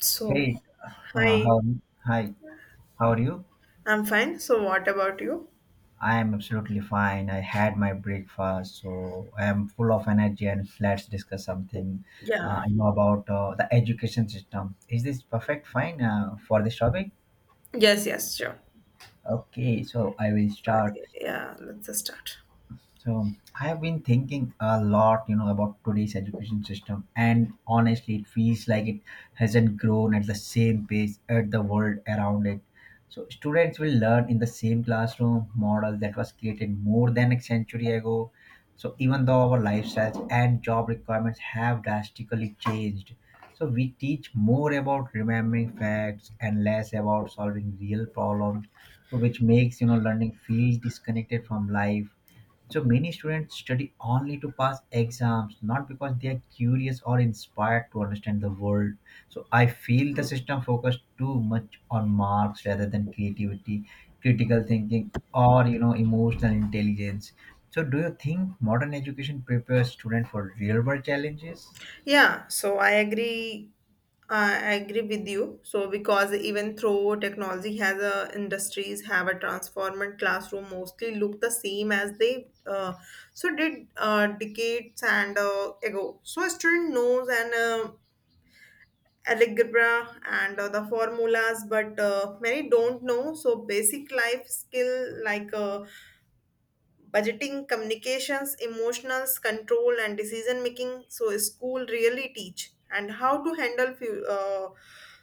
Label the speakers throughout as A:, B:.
A: So,
B: Hey,
A: hi,
B: how hi, how are you?
A: I'm fine. So, what about you?
B: I am absolutely fine. I had my breakfast, so I am full of energy. And let's discuss something.
A: Yeah.
B: I know about the education system. Is this perfect? Fine for this topic.
A: Yes, yes, sure.
B: Okay, so I will
A: So,
B: start.
A: yeah, let's just start.
B: So I have been thinking a lot, you know, about today's education system, and honestly, it feels like it hasn't grown at the same pace at the world around it. So students will learn in the same classroom model that was created more than a century ago. So even though our lifestyles and job requirements have drastically changed, so we teach more about remembering facts and less about solving real problems, so which makes, you know, learning feel disconnected from life. So many students study only to pass exams, not because they are curious or inspired to understand the world. So I feel the system focused too much on marks rather than creativity, critical thinking, or, you know, emotional intelligence. So do you think modern education prepares students for real world challenges?
A: Yeah, so I agree. I agree with you. So, because even though technology has a industries have a transformed classroom mostly look the same as they so did decades and ago. So, a student knows and algebra and the formulas but many don't know so basic life skill like budgeting, communications, emotions control, and decision making, so school really teach and how to handle few,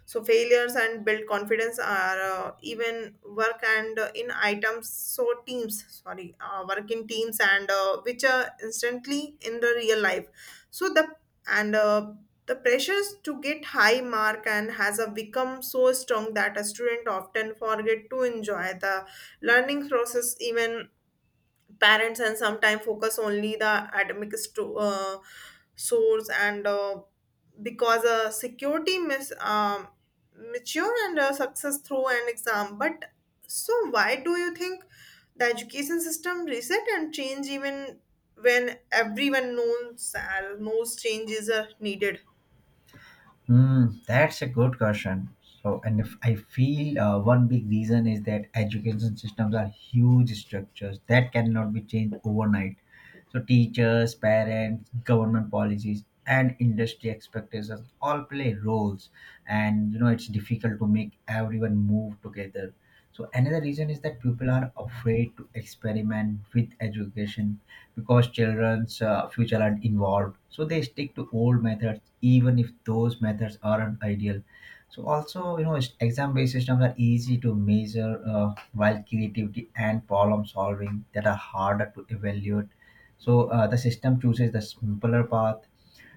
A: so failures and build confidence, are even work and in items so teams, sorry, work in teams and which are instantly in the real life. So the and the pressures to get high mark and has become so strong that a student often forget to enjoy the learning process. Even parents and sometimes focus only the academic source, and because security miss mature and success through an exam, but so why do you think the education system reset and change even when everyone knows most changes are needed?
B: Mm, that's a good question. So, and if I feel, one big reason is that education systems are huge structures that cannot be changed overnight. So, teachers, parents, government policies, and industry expectations all play roles, and you know it's difficult to make everyone move together. So, another reason is that people are afraid to experiment with education because children's future are involved, so they stick to old methods even if those methods aren't ideal. So also, you know, exam based systems are easy to measure, while creativity and problem solving that are harder to evaluate. So the system chooses the simpler path,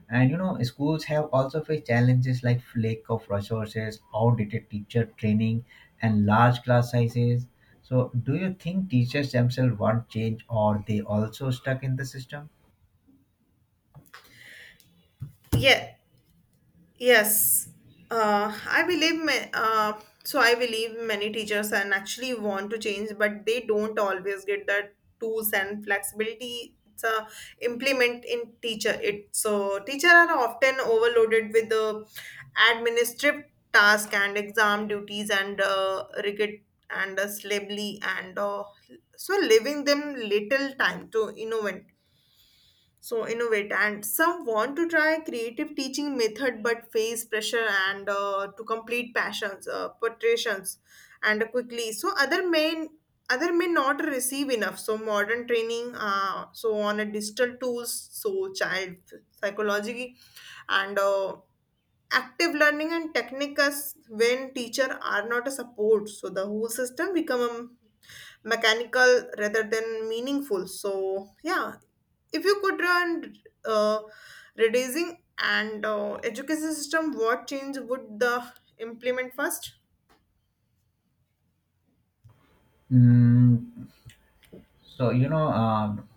B: and you know, schools have also faced challenges like lack of resources, outdated teacher training, and large class sizes. So, do you think teachers themselves want change, or they also stuck in the system?
A: Yeah. Yes, I believe I believe many teachers and actually want to change, but they don't always get the tools and flexibility to implement in teacher it. So teacher are often overloaded with the administrative task and exam duties and rigid and slably and so leaving them little time to innovate. So innovate and some want to try creative teaching method but face pressure and to complete passions, portraits and quickly, so other may not receive enough so modern training, so on a digital tools, so child psychology and active learning and techniques. When teacher are not a support, so the whole system become mechanical rather than meaningful. So yeah, if you could run uh, reducing and education system, what change would the implement first?
B: Mm, so you know, um,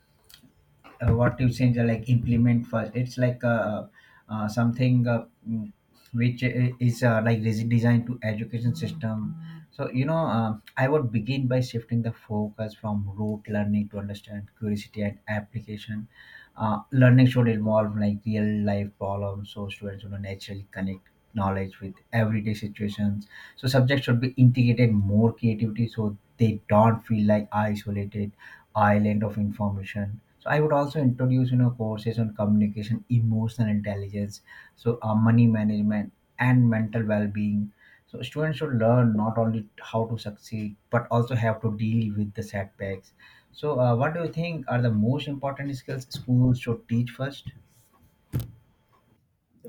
B: what you saying like implement first, it's like uh, something uh, mm, which is like designed to education system. So you know, I would begin by shifting the focus from rote learning to understand curiosity and application. Learning should involve like real life problems, so students, you know, naturally connect knowledge with everyday situations. So subjects should be integrated more creativity so they don't feel like isolated island of information. So I would also introduce, you know, courses on communication, emotional intelligence, so money management, and mental well-being. So students should learn not only how to succeed but also have to deal with the setbacks. So what do you think are the most important skills schools should teach first?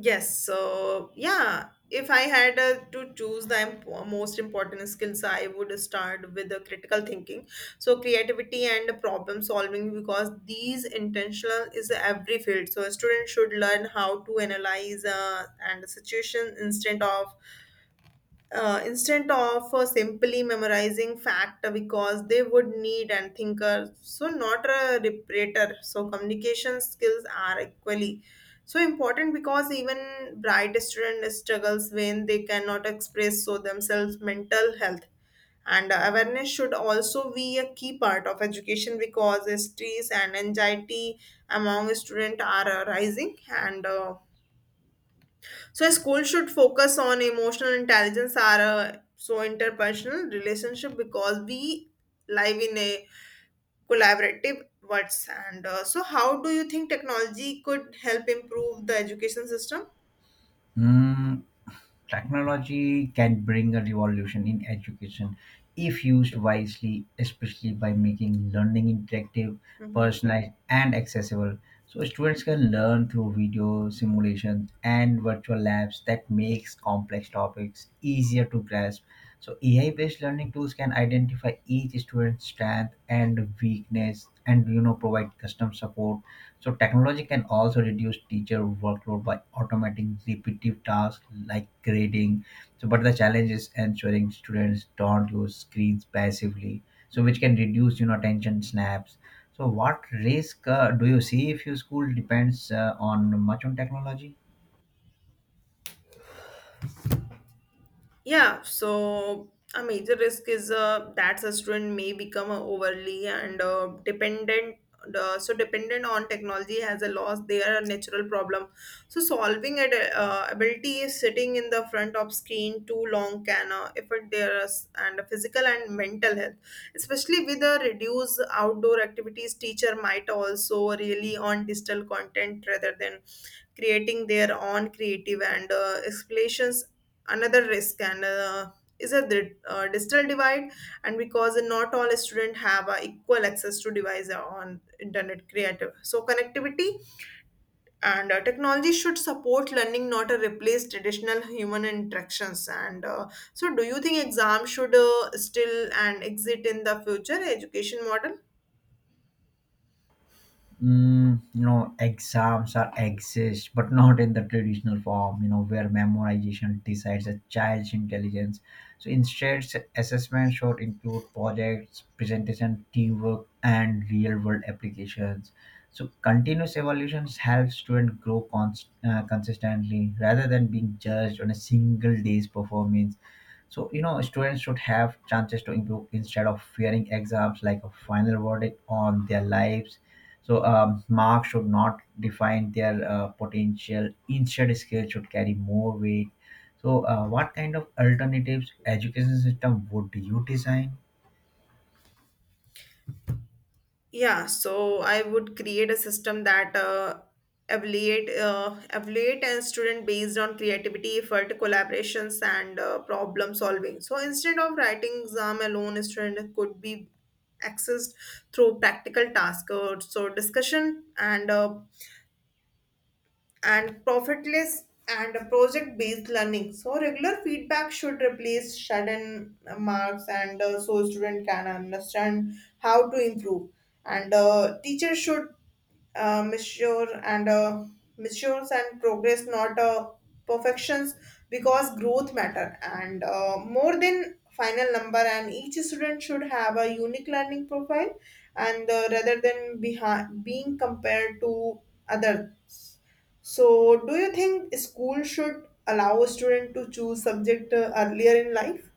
A: Yes, so yeah, if I had to choose the most important skills, I would start with the critical thinking, so creativity and problem solving, because these intentional is every field. So a student should learn how to analyze, and the situation instead of simply memorizing fact, because they would need and thinker, so not a reparator. So communication skills are equally so important, because even bright student struggles when they cannot express so themselves. Mental health and awareness should also be a key part of education, because stress and anxiety among students are rising, and so school should focus on emotional intelligence are so interpersonal relationship, because we live in a collaborative world. And so, how do you think technology could help improve the education system?
B: Mm, technology can bring a revolution in education if used wisely, especially by making learning interactive,
A: Mm-hmm.
B: personalized, and accessible. So students can learn through video simulations and virtual labs that makes complex topics easier to grasp. So AI-based learning tools can identify each student's strength and weakness, and you know provide custom support. So technology can also reduce teacher workload by automating repetitive tasks like grading. So, but the challenge is ensuring students don't use screens passively, so which can reduce, you know, attention snaps. So, what risk do you see if your school depends on much on technology?
A: Yeah, so a major risk is that a student may become overly and dependent. So dependent on technology has a loss their natural problem so solving it, ability is sitting in the front of screen too long can affect their, and physical and mental health, especially with the reduced outdoor activities. Teacher might also really on digital content rather than creating their own creative and explanations. Another risk and is a digital divide, and because not all students have equal access to device on internet creative, so connectivity and technology should support learning, not replace traditional human interactions, and so do you think exam should still and exit in the future education model?
B: Mm, you know, exams are exist, but not in the traditional form. You know, where memorization decides a child's intelligence. So instead, assessment should include projects, presentation, teamwork, and real-world applications. So continuous evaluation helps students grow consistently rather than being judged on a single day's performance. So, you know, students should have chances to improve instead of fearing exams like a final verdict on their lives. So marks should not define their potential. Instead, skills should carry more weight. So, what kind of alternatives education system would you design?
A: Yeah, so I would create a system that evaluate a student based on creativity, effort, collaborations, and problem solving. So instead of writing exam alone, a student could be accessed through practical tasks, so discussion and profitless and project-based learning. So regular feedback should replace sudden marks, and so student can understand how to improve. And teacher should uh, measure and uh, measures and progress, not perfections, because growth matter and more than final number. And each student should have a unique learning profile, and rather than being compared to others. So, do you think school should allow a student to choose subject earlier in life?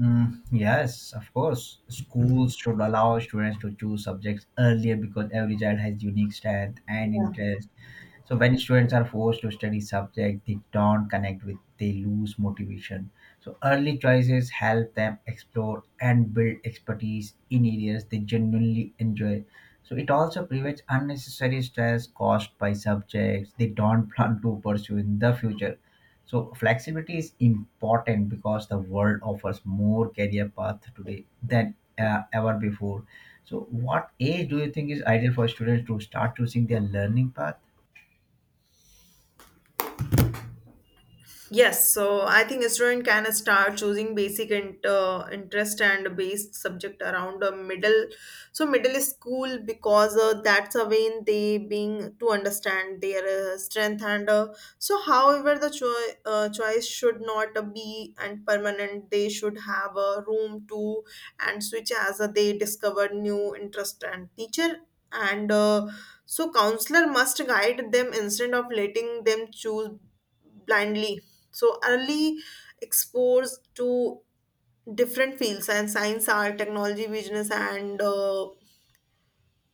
B: Mm, yes, of course. Schools should allow students to choose subjects earlier because every child has unique strength and
A: Yeah.
B: interest. So when students are forced to study subject they don't connect with, they lose motivation. So early choices help them explore and build expertise in areas they genuinely enjoy. So it also prevents unnecessary stress caused by subjects they don't plan to pursue in the future. So flexibility is important because the world offers more career paths today than ever before. So what age do you think is ideal for students to start choosing their learning path?
A: Yes, so I think a student can start choosing basic interest and based subject around a middle, so middle school, because that's a when they being to understand their strength, and so however the choice should not be and permanent. They should have a room to and switch as they discover new interest, and teacher and so counselor must guide them instead of letting them choose blindly. So early exposed to different fields and science, art, technology, business, and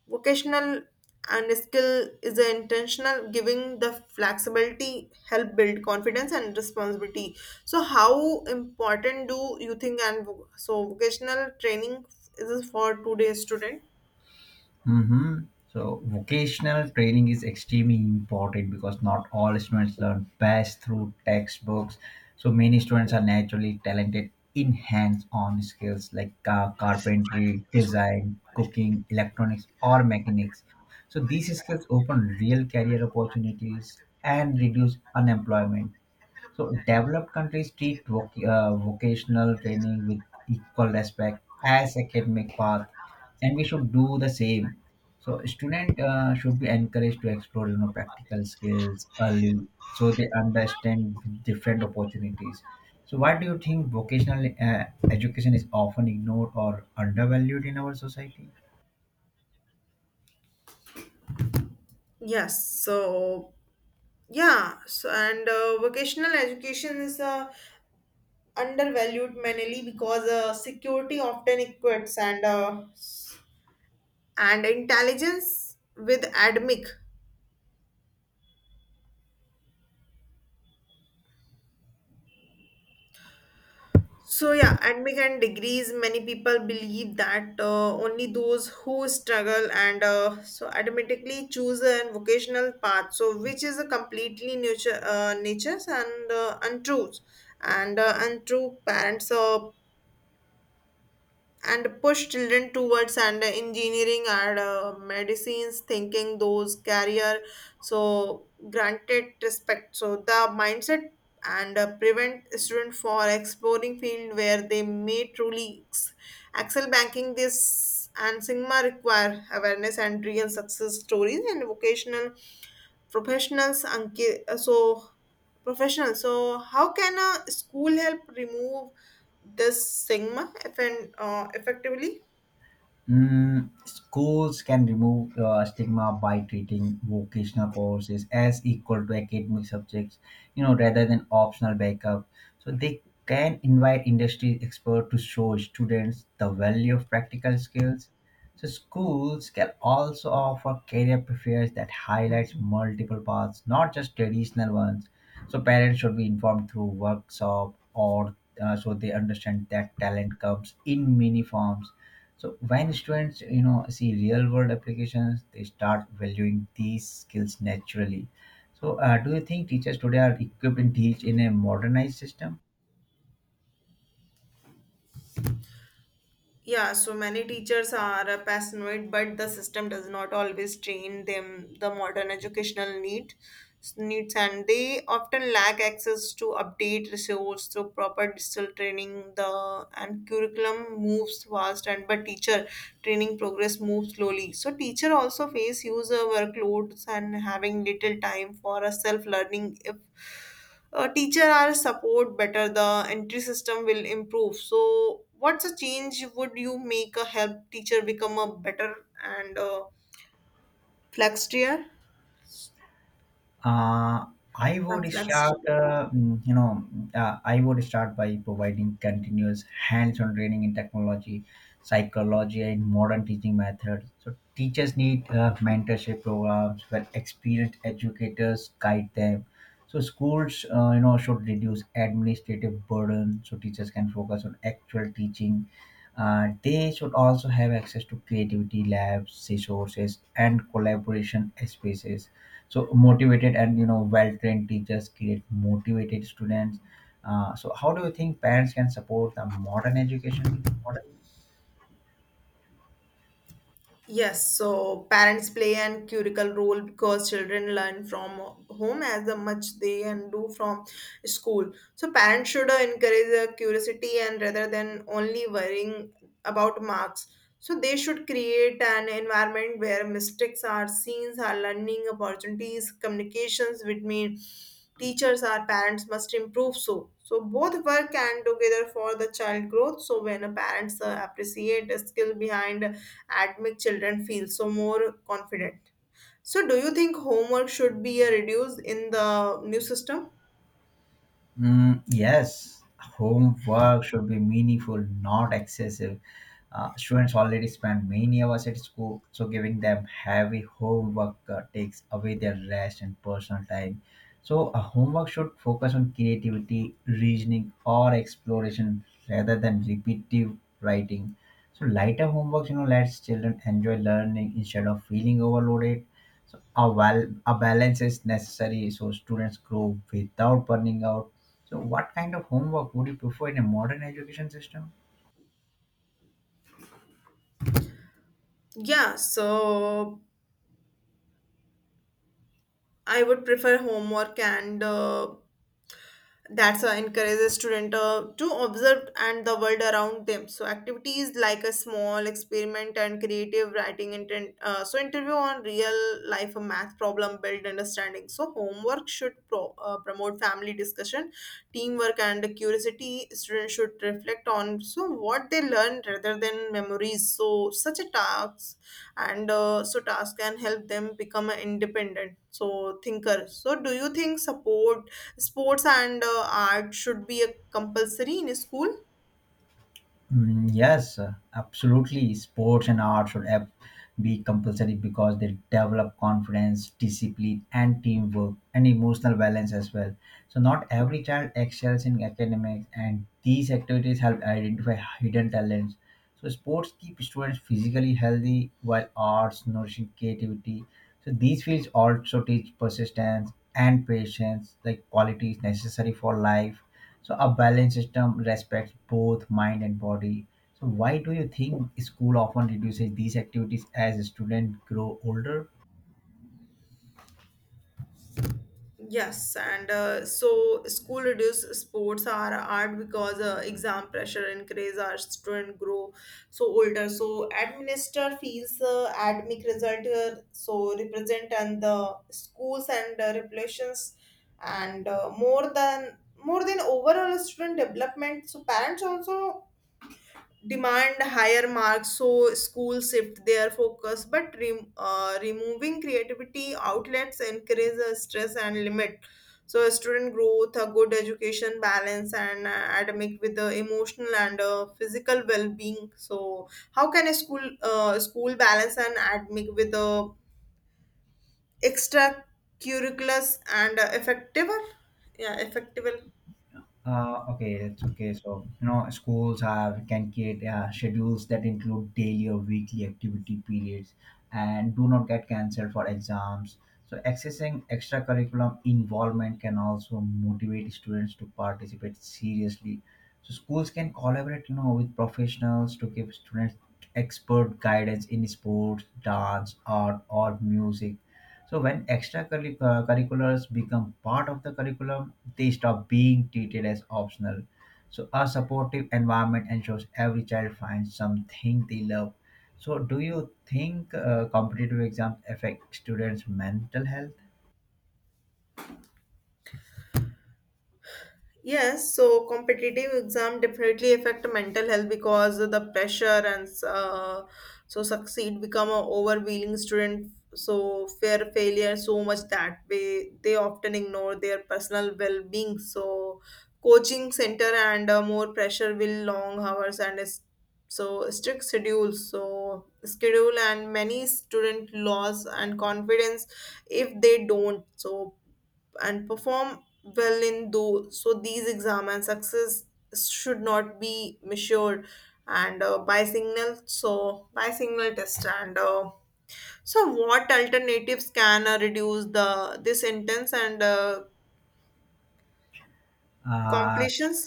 A: vocational and skill is the intentional, giving the flexibility help build confidence and responsibility. So how important do you think and vocational training is for today's student?
B: Mm-hmm. So vocational training is extremely important because not all students learn best through textbooks. So many students are naturally talented in hands-on skills like carpentry, design, cooking, electronics, or mechanics. So these skills open real career opportunities and reduce unemployment. So developed countries treat vocational training with equal respect as academic path, and we should do the same. So student should be encouraged to explore, you know, practical skills early, so they understand different opportunities. So why do you think vocational education is often ignored or undervalued in our society?
A: Yes, so yeah, so and vocational education is a undervalued mainly because security often equates, and intelligence with academic. So yeah, academic and degrees. Many people believe that only those who struggle, and so automatically choose a vocational path. So which is a completely nature, natures and untruth and untrue. Parents, and push children towards and engineering and medicines, thinking those career so granted respect. So the mindset and prevent student for exploring field where they may truly excel. Banking this and sigma require awareness and real success stories and vocational professionals, so professional. So how can a school help remove this stigma effectively?
B: Mm, schools can remove stigma by treating vocational courses as equal to academic subjects, you know, rather than optional backup. So they can invite industry experts to show students the value of practical skills. So schools can also offer career fairs that highlights multiple paths, not just traditional ones. So parents should be informed through workshop or so they understand that talent comes in many forms. So when students, you know, see real world applications, they start valuing these skills naturally. So do you think teachers today are equipped to teach in a modernized system?
A: Yeah, so many teachers are passionate, but the system does not always train them the modern educational needs, and they often lack access to update resource through proper digital training. The and curriculum moves fast, and but teacher training progress moves slowly. So teacher also face user workloads and having little time for a self learning. If teacher are support better, the entry system will improve. So what's a change would you make a help teacher become a better and flexible?
B: Uh, I would start,
A: Flexible.
B: mm, you know, I would start by providing continuous hands-on training in technology, psychology, and modern teaching methods. So teachers need mentorship programs where experienced educators guide them. So schools, you know, should reduce administrative burden so teachers can focus on actual teaching. They should also have access to creativity labs, resources, and collaboration spaces. So motivated and, you know, well-trained teachers create motivated students. So how do you think parents can support the modern education?
A: Yes, so parents play an critical role because children learn from home as much they and do from school. So parents should encourage curiosity, and rather than only worrying about marks. So they should create an environment where mistakes are seen, are learning opportunities. Communications between teachers or parents must improve. So both work and together for the child growth. So when a parents appreciate a skill behind and make children feel so more confident. So, do you think homework should be reduced in the new system?
B: Mm, yes, homework should be meaningful, not excessive. Students already spend many hours at school, so giving them heavy homework takes away their rest and personal time. So, a homework should focus on creativity, reasoning, or exploration rather than repetitive writing. So, lighter homeworks, you know, lets children enjoy learning instead of feeling overloaded. So, a, well, a balance is necessary so students grow without burning out. So, what kind of homework would you prefer in a modern education system?
A: Yeah, so I would prefer homework and that's encourages student to observe and the world around them. So activities like a small experiment and creative writing, intent so interview on real life a math problem build understanding. So homework should promote family discussion, teamwork, and curiosity. Students should reflect on so what they learn rather than memories. So such a task and so task can help them become independent, so thinker. So do you think support sports and art should be a compulsory in school?
B: Mm, yes, absolutely. Sports and arts should be compulsory because they develop confidence, discipline, and teamwork, and emotional balance as well. So, not every child excels in academics, and these activities help identify hidden talents. So sports keep students physically healthy while arts nourishing creativity. So these fields also teach persistence and patience, like qualities necessary for life. So a balanced system respects both mind and body. So why do you think school often reduces these activities as students grow older?
A: Yes, and so school reduce sports are art because exam pressure increase our student grow so older. So administer feels academic result, so represent and the schools and regulations and more than overall student development. So parents also demand higher marks, so schools shift their focus. But removing creativity outlets encourage a stress and limit so a student growth. A good education balance and academic with the emotional and physical well-being. So how can a school balance and academic with the extra curriculars and effective? Yeah, effective.
B: Okay, it's okay. So, you know, schools have can create schedules that include daily or weekly activity periods and do not get cancelled for exams. So, accessing extracurriculum involvement can also motivate students to participate seriously. So, schools can collaborate, you know, with professionals to give students expert guidance in sports, dance, art, or music. So when extracurriculars become part of the curriculum, they stop being treated as optional. So a supportive environment ensures every child finds something they love. So do you think competitive exams affect students' mental health?
A: Yes, so competitive exam definitely affect mental health because of the pressure, and so succeed become a overwhelming student. So fear failure so much that way they often ignore their personal well being. So coaching center and more pressure will long hours and so strict schedules. So schedule and many student loss and confidence if they don't, so and perform well in those. So these exam and success should not be measured and by signal. So by signal test and. So what alternatives can reduce the this intense and
B: Uh,
A: completions?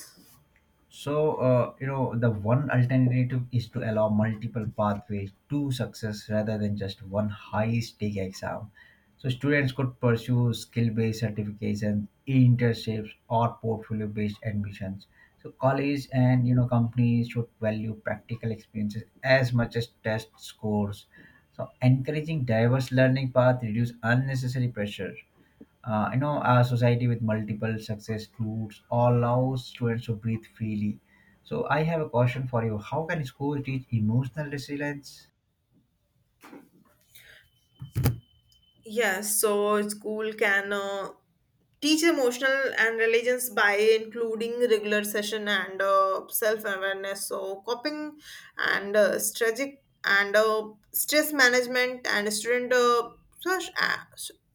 B: So, you know, the one alternative is to allow multiple pathways to success rather than just one high stake exam. So, students could pursue skill based certifications, internships, or portfolio based admissions. So, colleges and, you know, companies should value practical experiences as much as test scores. So, encouraging diverse learning paths reduce unnecessary pressure. You know, a society with multiple success routes allows students to breathe freely. So I have a question for you: how can schools teach emotional resilience?
A: Yes, so school can teach emotional and religions by including regular session and self-awareness, so coping and strategic and stress management. And student, such- uh,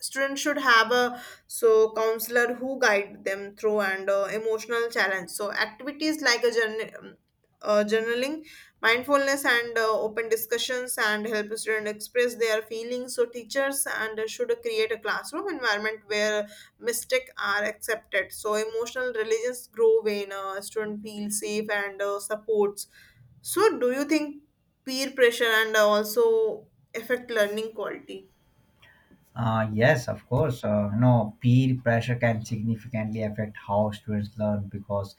A: student should have a so counselor who guide them through and emotional challenge. So activities like a journal, journaling, mindfulness and open discussions and help students express their feelings. So teachers and should create a classroom environment where mistakes are accepted, so emotional religions grow when a student feels safe and supports. So do you think peer pressure and also affect learning quality?
B: Yes, of course. You know, peer pressure can significantly affect how students learn because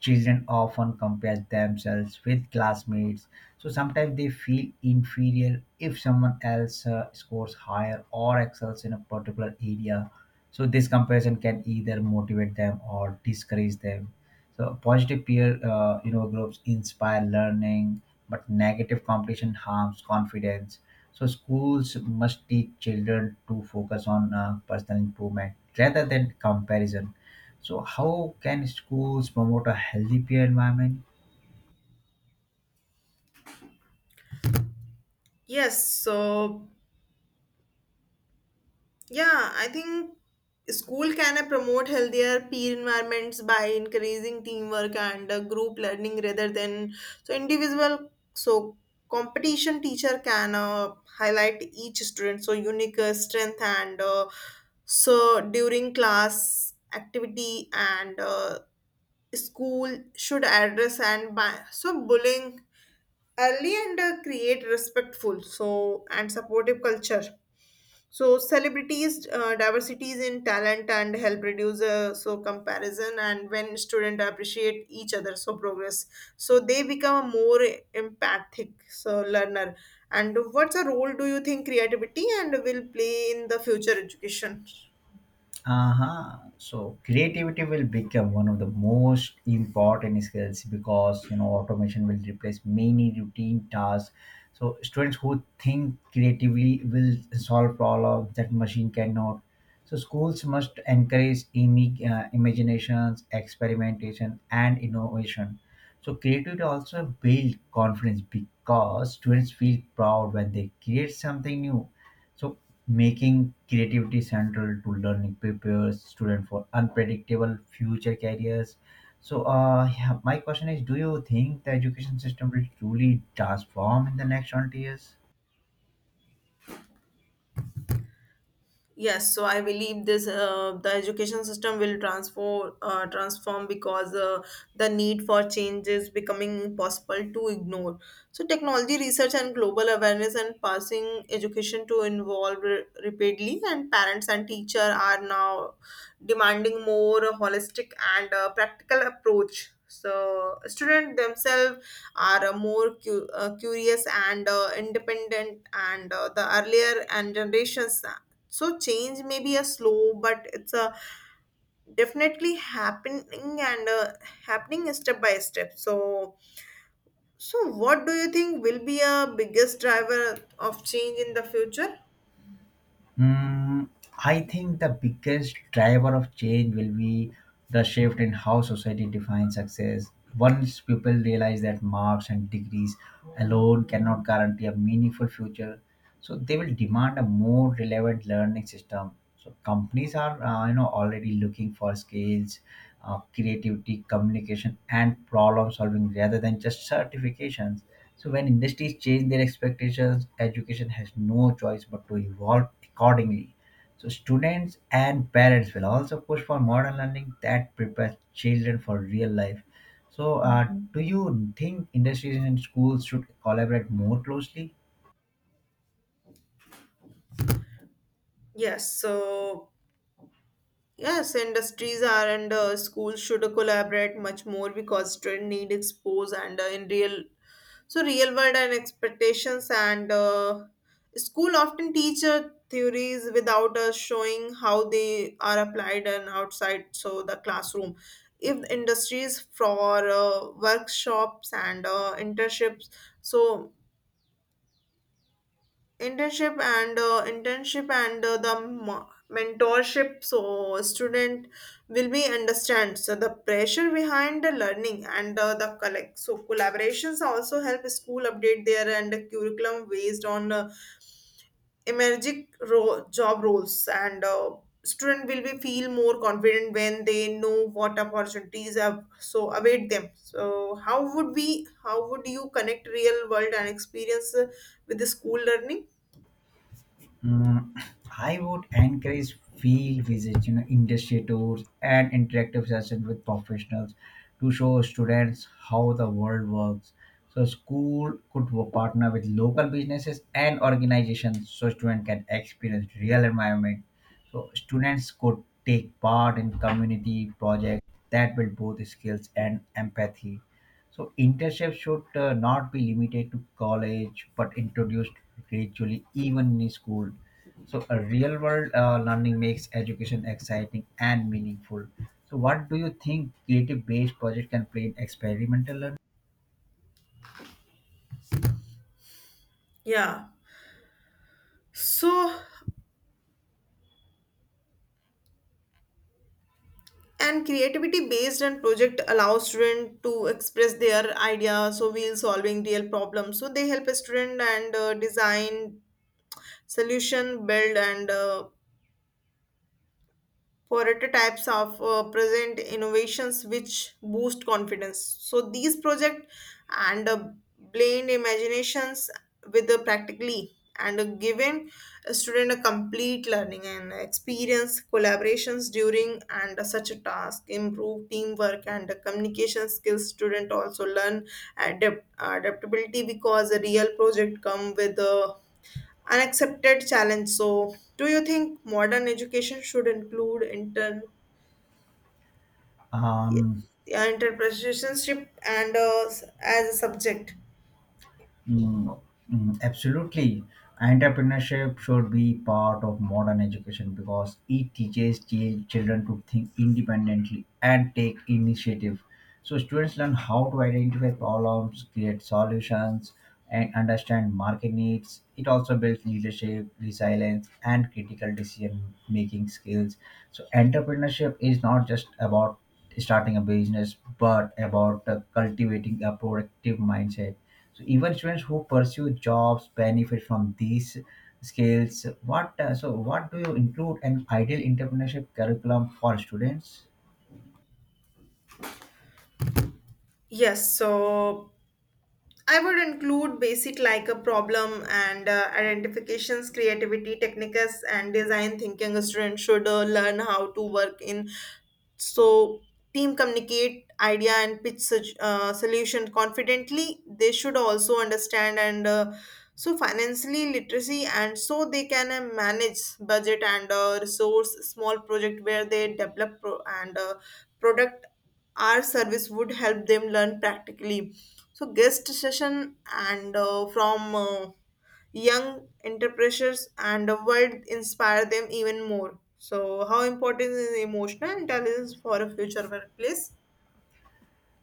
B: children often compare themselves with classmates. So sometimes they feel inferior if someone else scores higher or excels in a particular area. So this comparison can either motivate them or discourage them. So positive peer, you know, groups inspire learning, but negative competition harms confidence. So schools must teach children to focus on personal improvement rather than comparison. So how can schools promote a healthy peer environment?
A: Yes. Yeah, I think school can promote healthier peer environments by increasing teamwork and group learning rather than individual. So competition teacher can highlight each student so unique strength and so during class activity and school should address and by so bullying early and create respectful so and supportive culture, so celebrities diversities in talent and help reduce so comparison, and when students appreciate each other so progress, so they become a more empathic so learner. And what's a role do you think creativity and will play in the future education?
B: Uh-huh. So creativity will become one of the most important skills because, you know, automation will replace many routine tasks. So students who think creatively will solve problems that machine cannot. So schools must encourage imaginations, experimentation, and innovation. So creativity also builds confidence because students feel proud when they create something new. So making creativity central to learning prepares students for unpredictable future careers. So yeah, my question is, do you think the education system will truly transform in the next 20 years?
A: Yes, so I believe this the education system will transform transform because the need for change is becoming impossible to ignore. So technology research and global awareness and passing education to involve rapidly, and parents and teacher are now demanding more holistic and practical approach. So students themselves are more curious and independent, and the earlier and generations, so change may be a slow but it's a definitely happening and happening step by step. So so what do you think will be a biggest driver of change in the future?
B: Mm, I think the biggest driver of change will be the shift in how society defines success. Once people realize that marks and degrees alone cannot guarantee a meaningful future, so they will demand a more relevant learning system. So companies are, you know, already looking for skills, creativity, communication, and problem solving rather than just certifications. So when industries change their expectations, education has no choice but to evolve accordingly. So students and parents will also push for modern learning that prepares children for real life. So do you think industries and schools should collaborate more closely?
A: Yes. Yes, industries are and schools should collaborate much more because student need expose and in real so real world and expectations, and school often teach theories without us showing how they are applied and outside so the classroom. If industries for workshops and internships, so internship and the mentorship, so student will be understand so the pressure behind the learning, and the collect so collaborations also help school update their and curriculum based on emerging job roles, and student will be feel more confident when they know what opportunities have so await them. So how would we how would you connect real world and experience with the school learning?
B: Mm, I would encourage field visits, you know, industry tours, and interactive sessions with professionals to show students how the world works. So school could partner with local businesses and organizations so students can experience real environment. So students could take part in community projects that build both skills and empathy. So intercepts should not be limited to college, but introduced gradually, even in school. So a real world learning makes education exciting and meaningful. So what do you think creative based project can play in experimental learning?
A: Yeah. So, and creativity based and project allows student to express their ideas. So we'll solving real problems. So they help a student and design solution, build and Forerunner types of present innovations which boost confidence. So these project and blend imaginations with the practically and giving a student a complete learning and experience. Collaborations during and such a task improve teamwork and the communication skills. Student also learn adaptability because a real project come with a unaccepted challenge. So, do you think modern education should include intern, yeah,
B: Um,
A: interpretationship and as a subject?
B: Mm, absolutely. Entrepreneurship should be part of modern education because it teaches children to think independently and take initiative. So, students learn how to identify problems, create solutions, and understand market needs. It also builds leadership, resilience, and critical decision making skills. So, entrepreneurship is not just about starting a business but about cultivating a productive mindset. So even students who pursue jobs benefit from these skills. What what do you include an ideal entrepreneurship curriculum for students?
A: Yes. So I would include basic like a problem and identifications, creativity techniques, and design thinking. A student should learn how to work in so team, communicate idea and pitch such solution confidently. They should also understand and so financially literacy, and so they can manage budget and resource small project where they develop pro- and product our service would help them learn practically. So guest session and from young entrepreneurs and the world inspire them even more. So how important is emotional intelligence for a future workplace?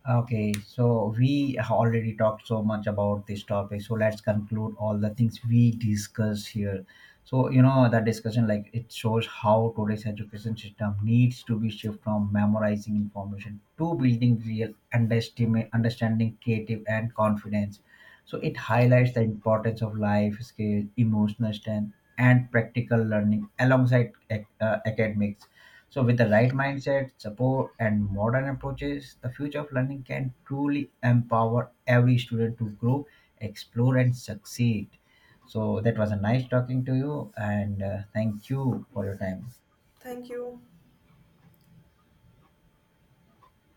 B: Okay, so we have already talked so much about this topic. So let's conclude all the things we discuss here. So you know the discussion like it shows how today's education system needs to be shift from memorizing information to building real understanding, creative and confidence. So it highlights the importance of life skill, emotional strength, and practical learning alongside academics. So, with the right mindset, support, and modern approaches, the future of learning can truly empower every student to grow, explore, and succeed. So, that was a nice talking to you, and thank you for your time.
A: Thank you.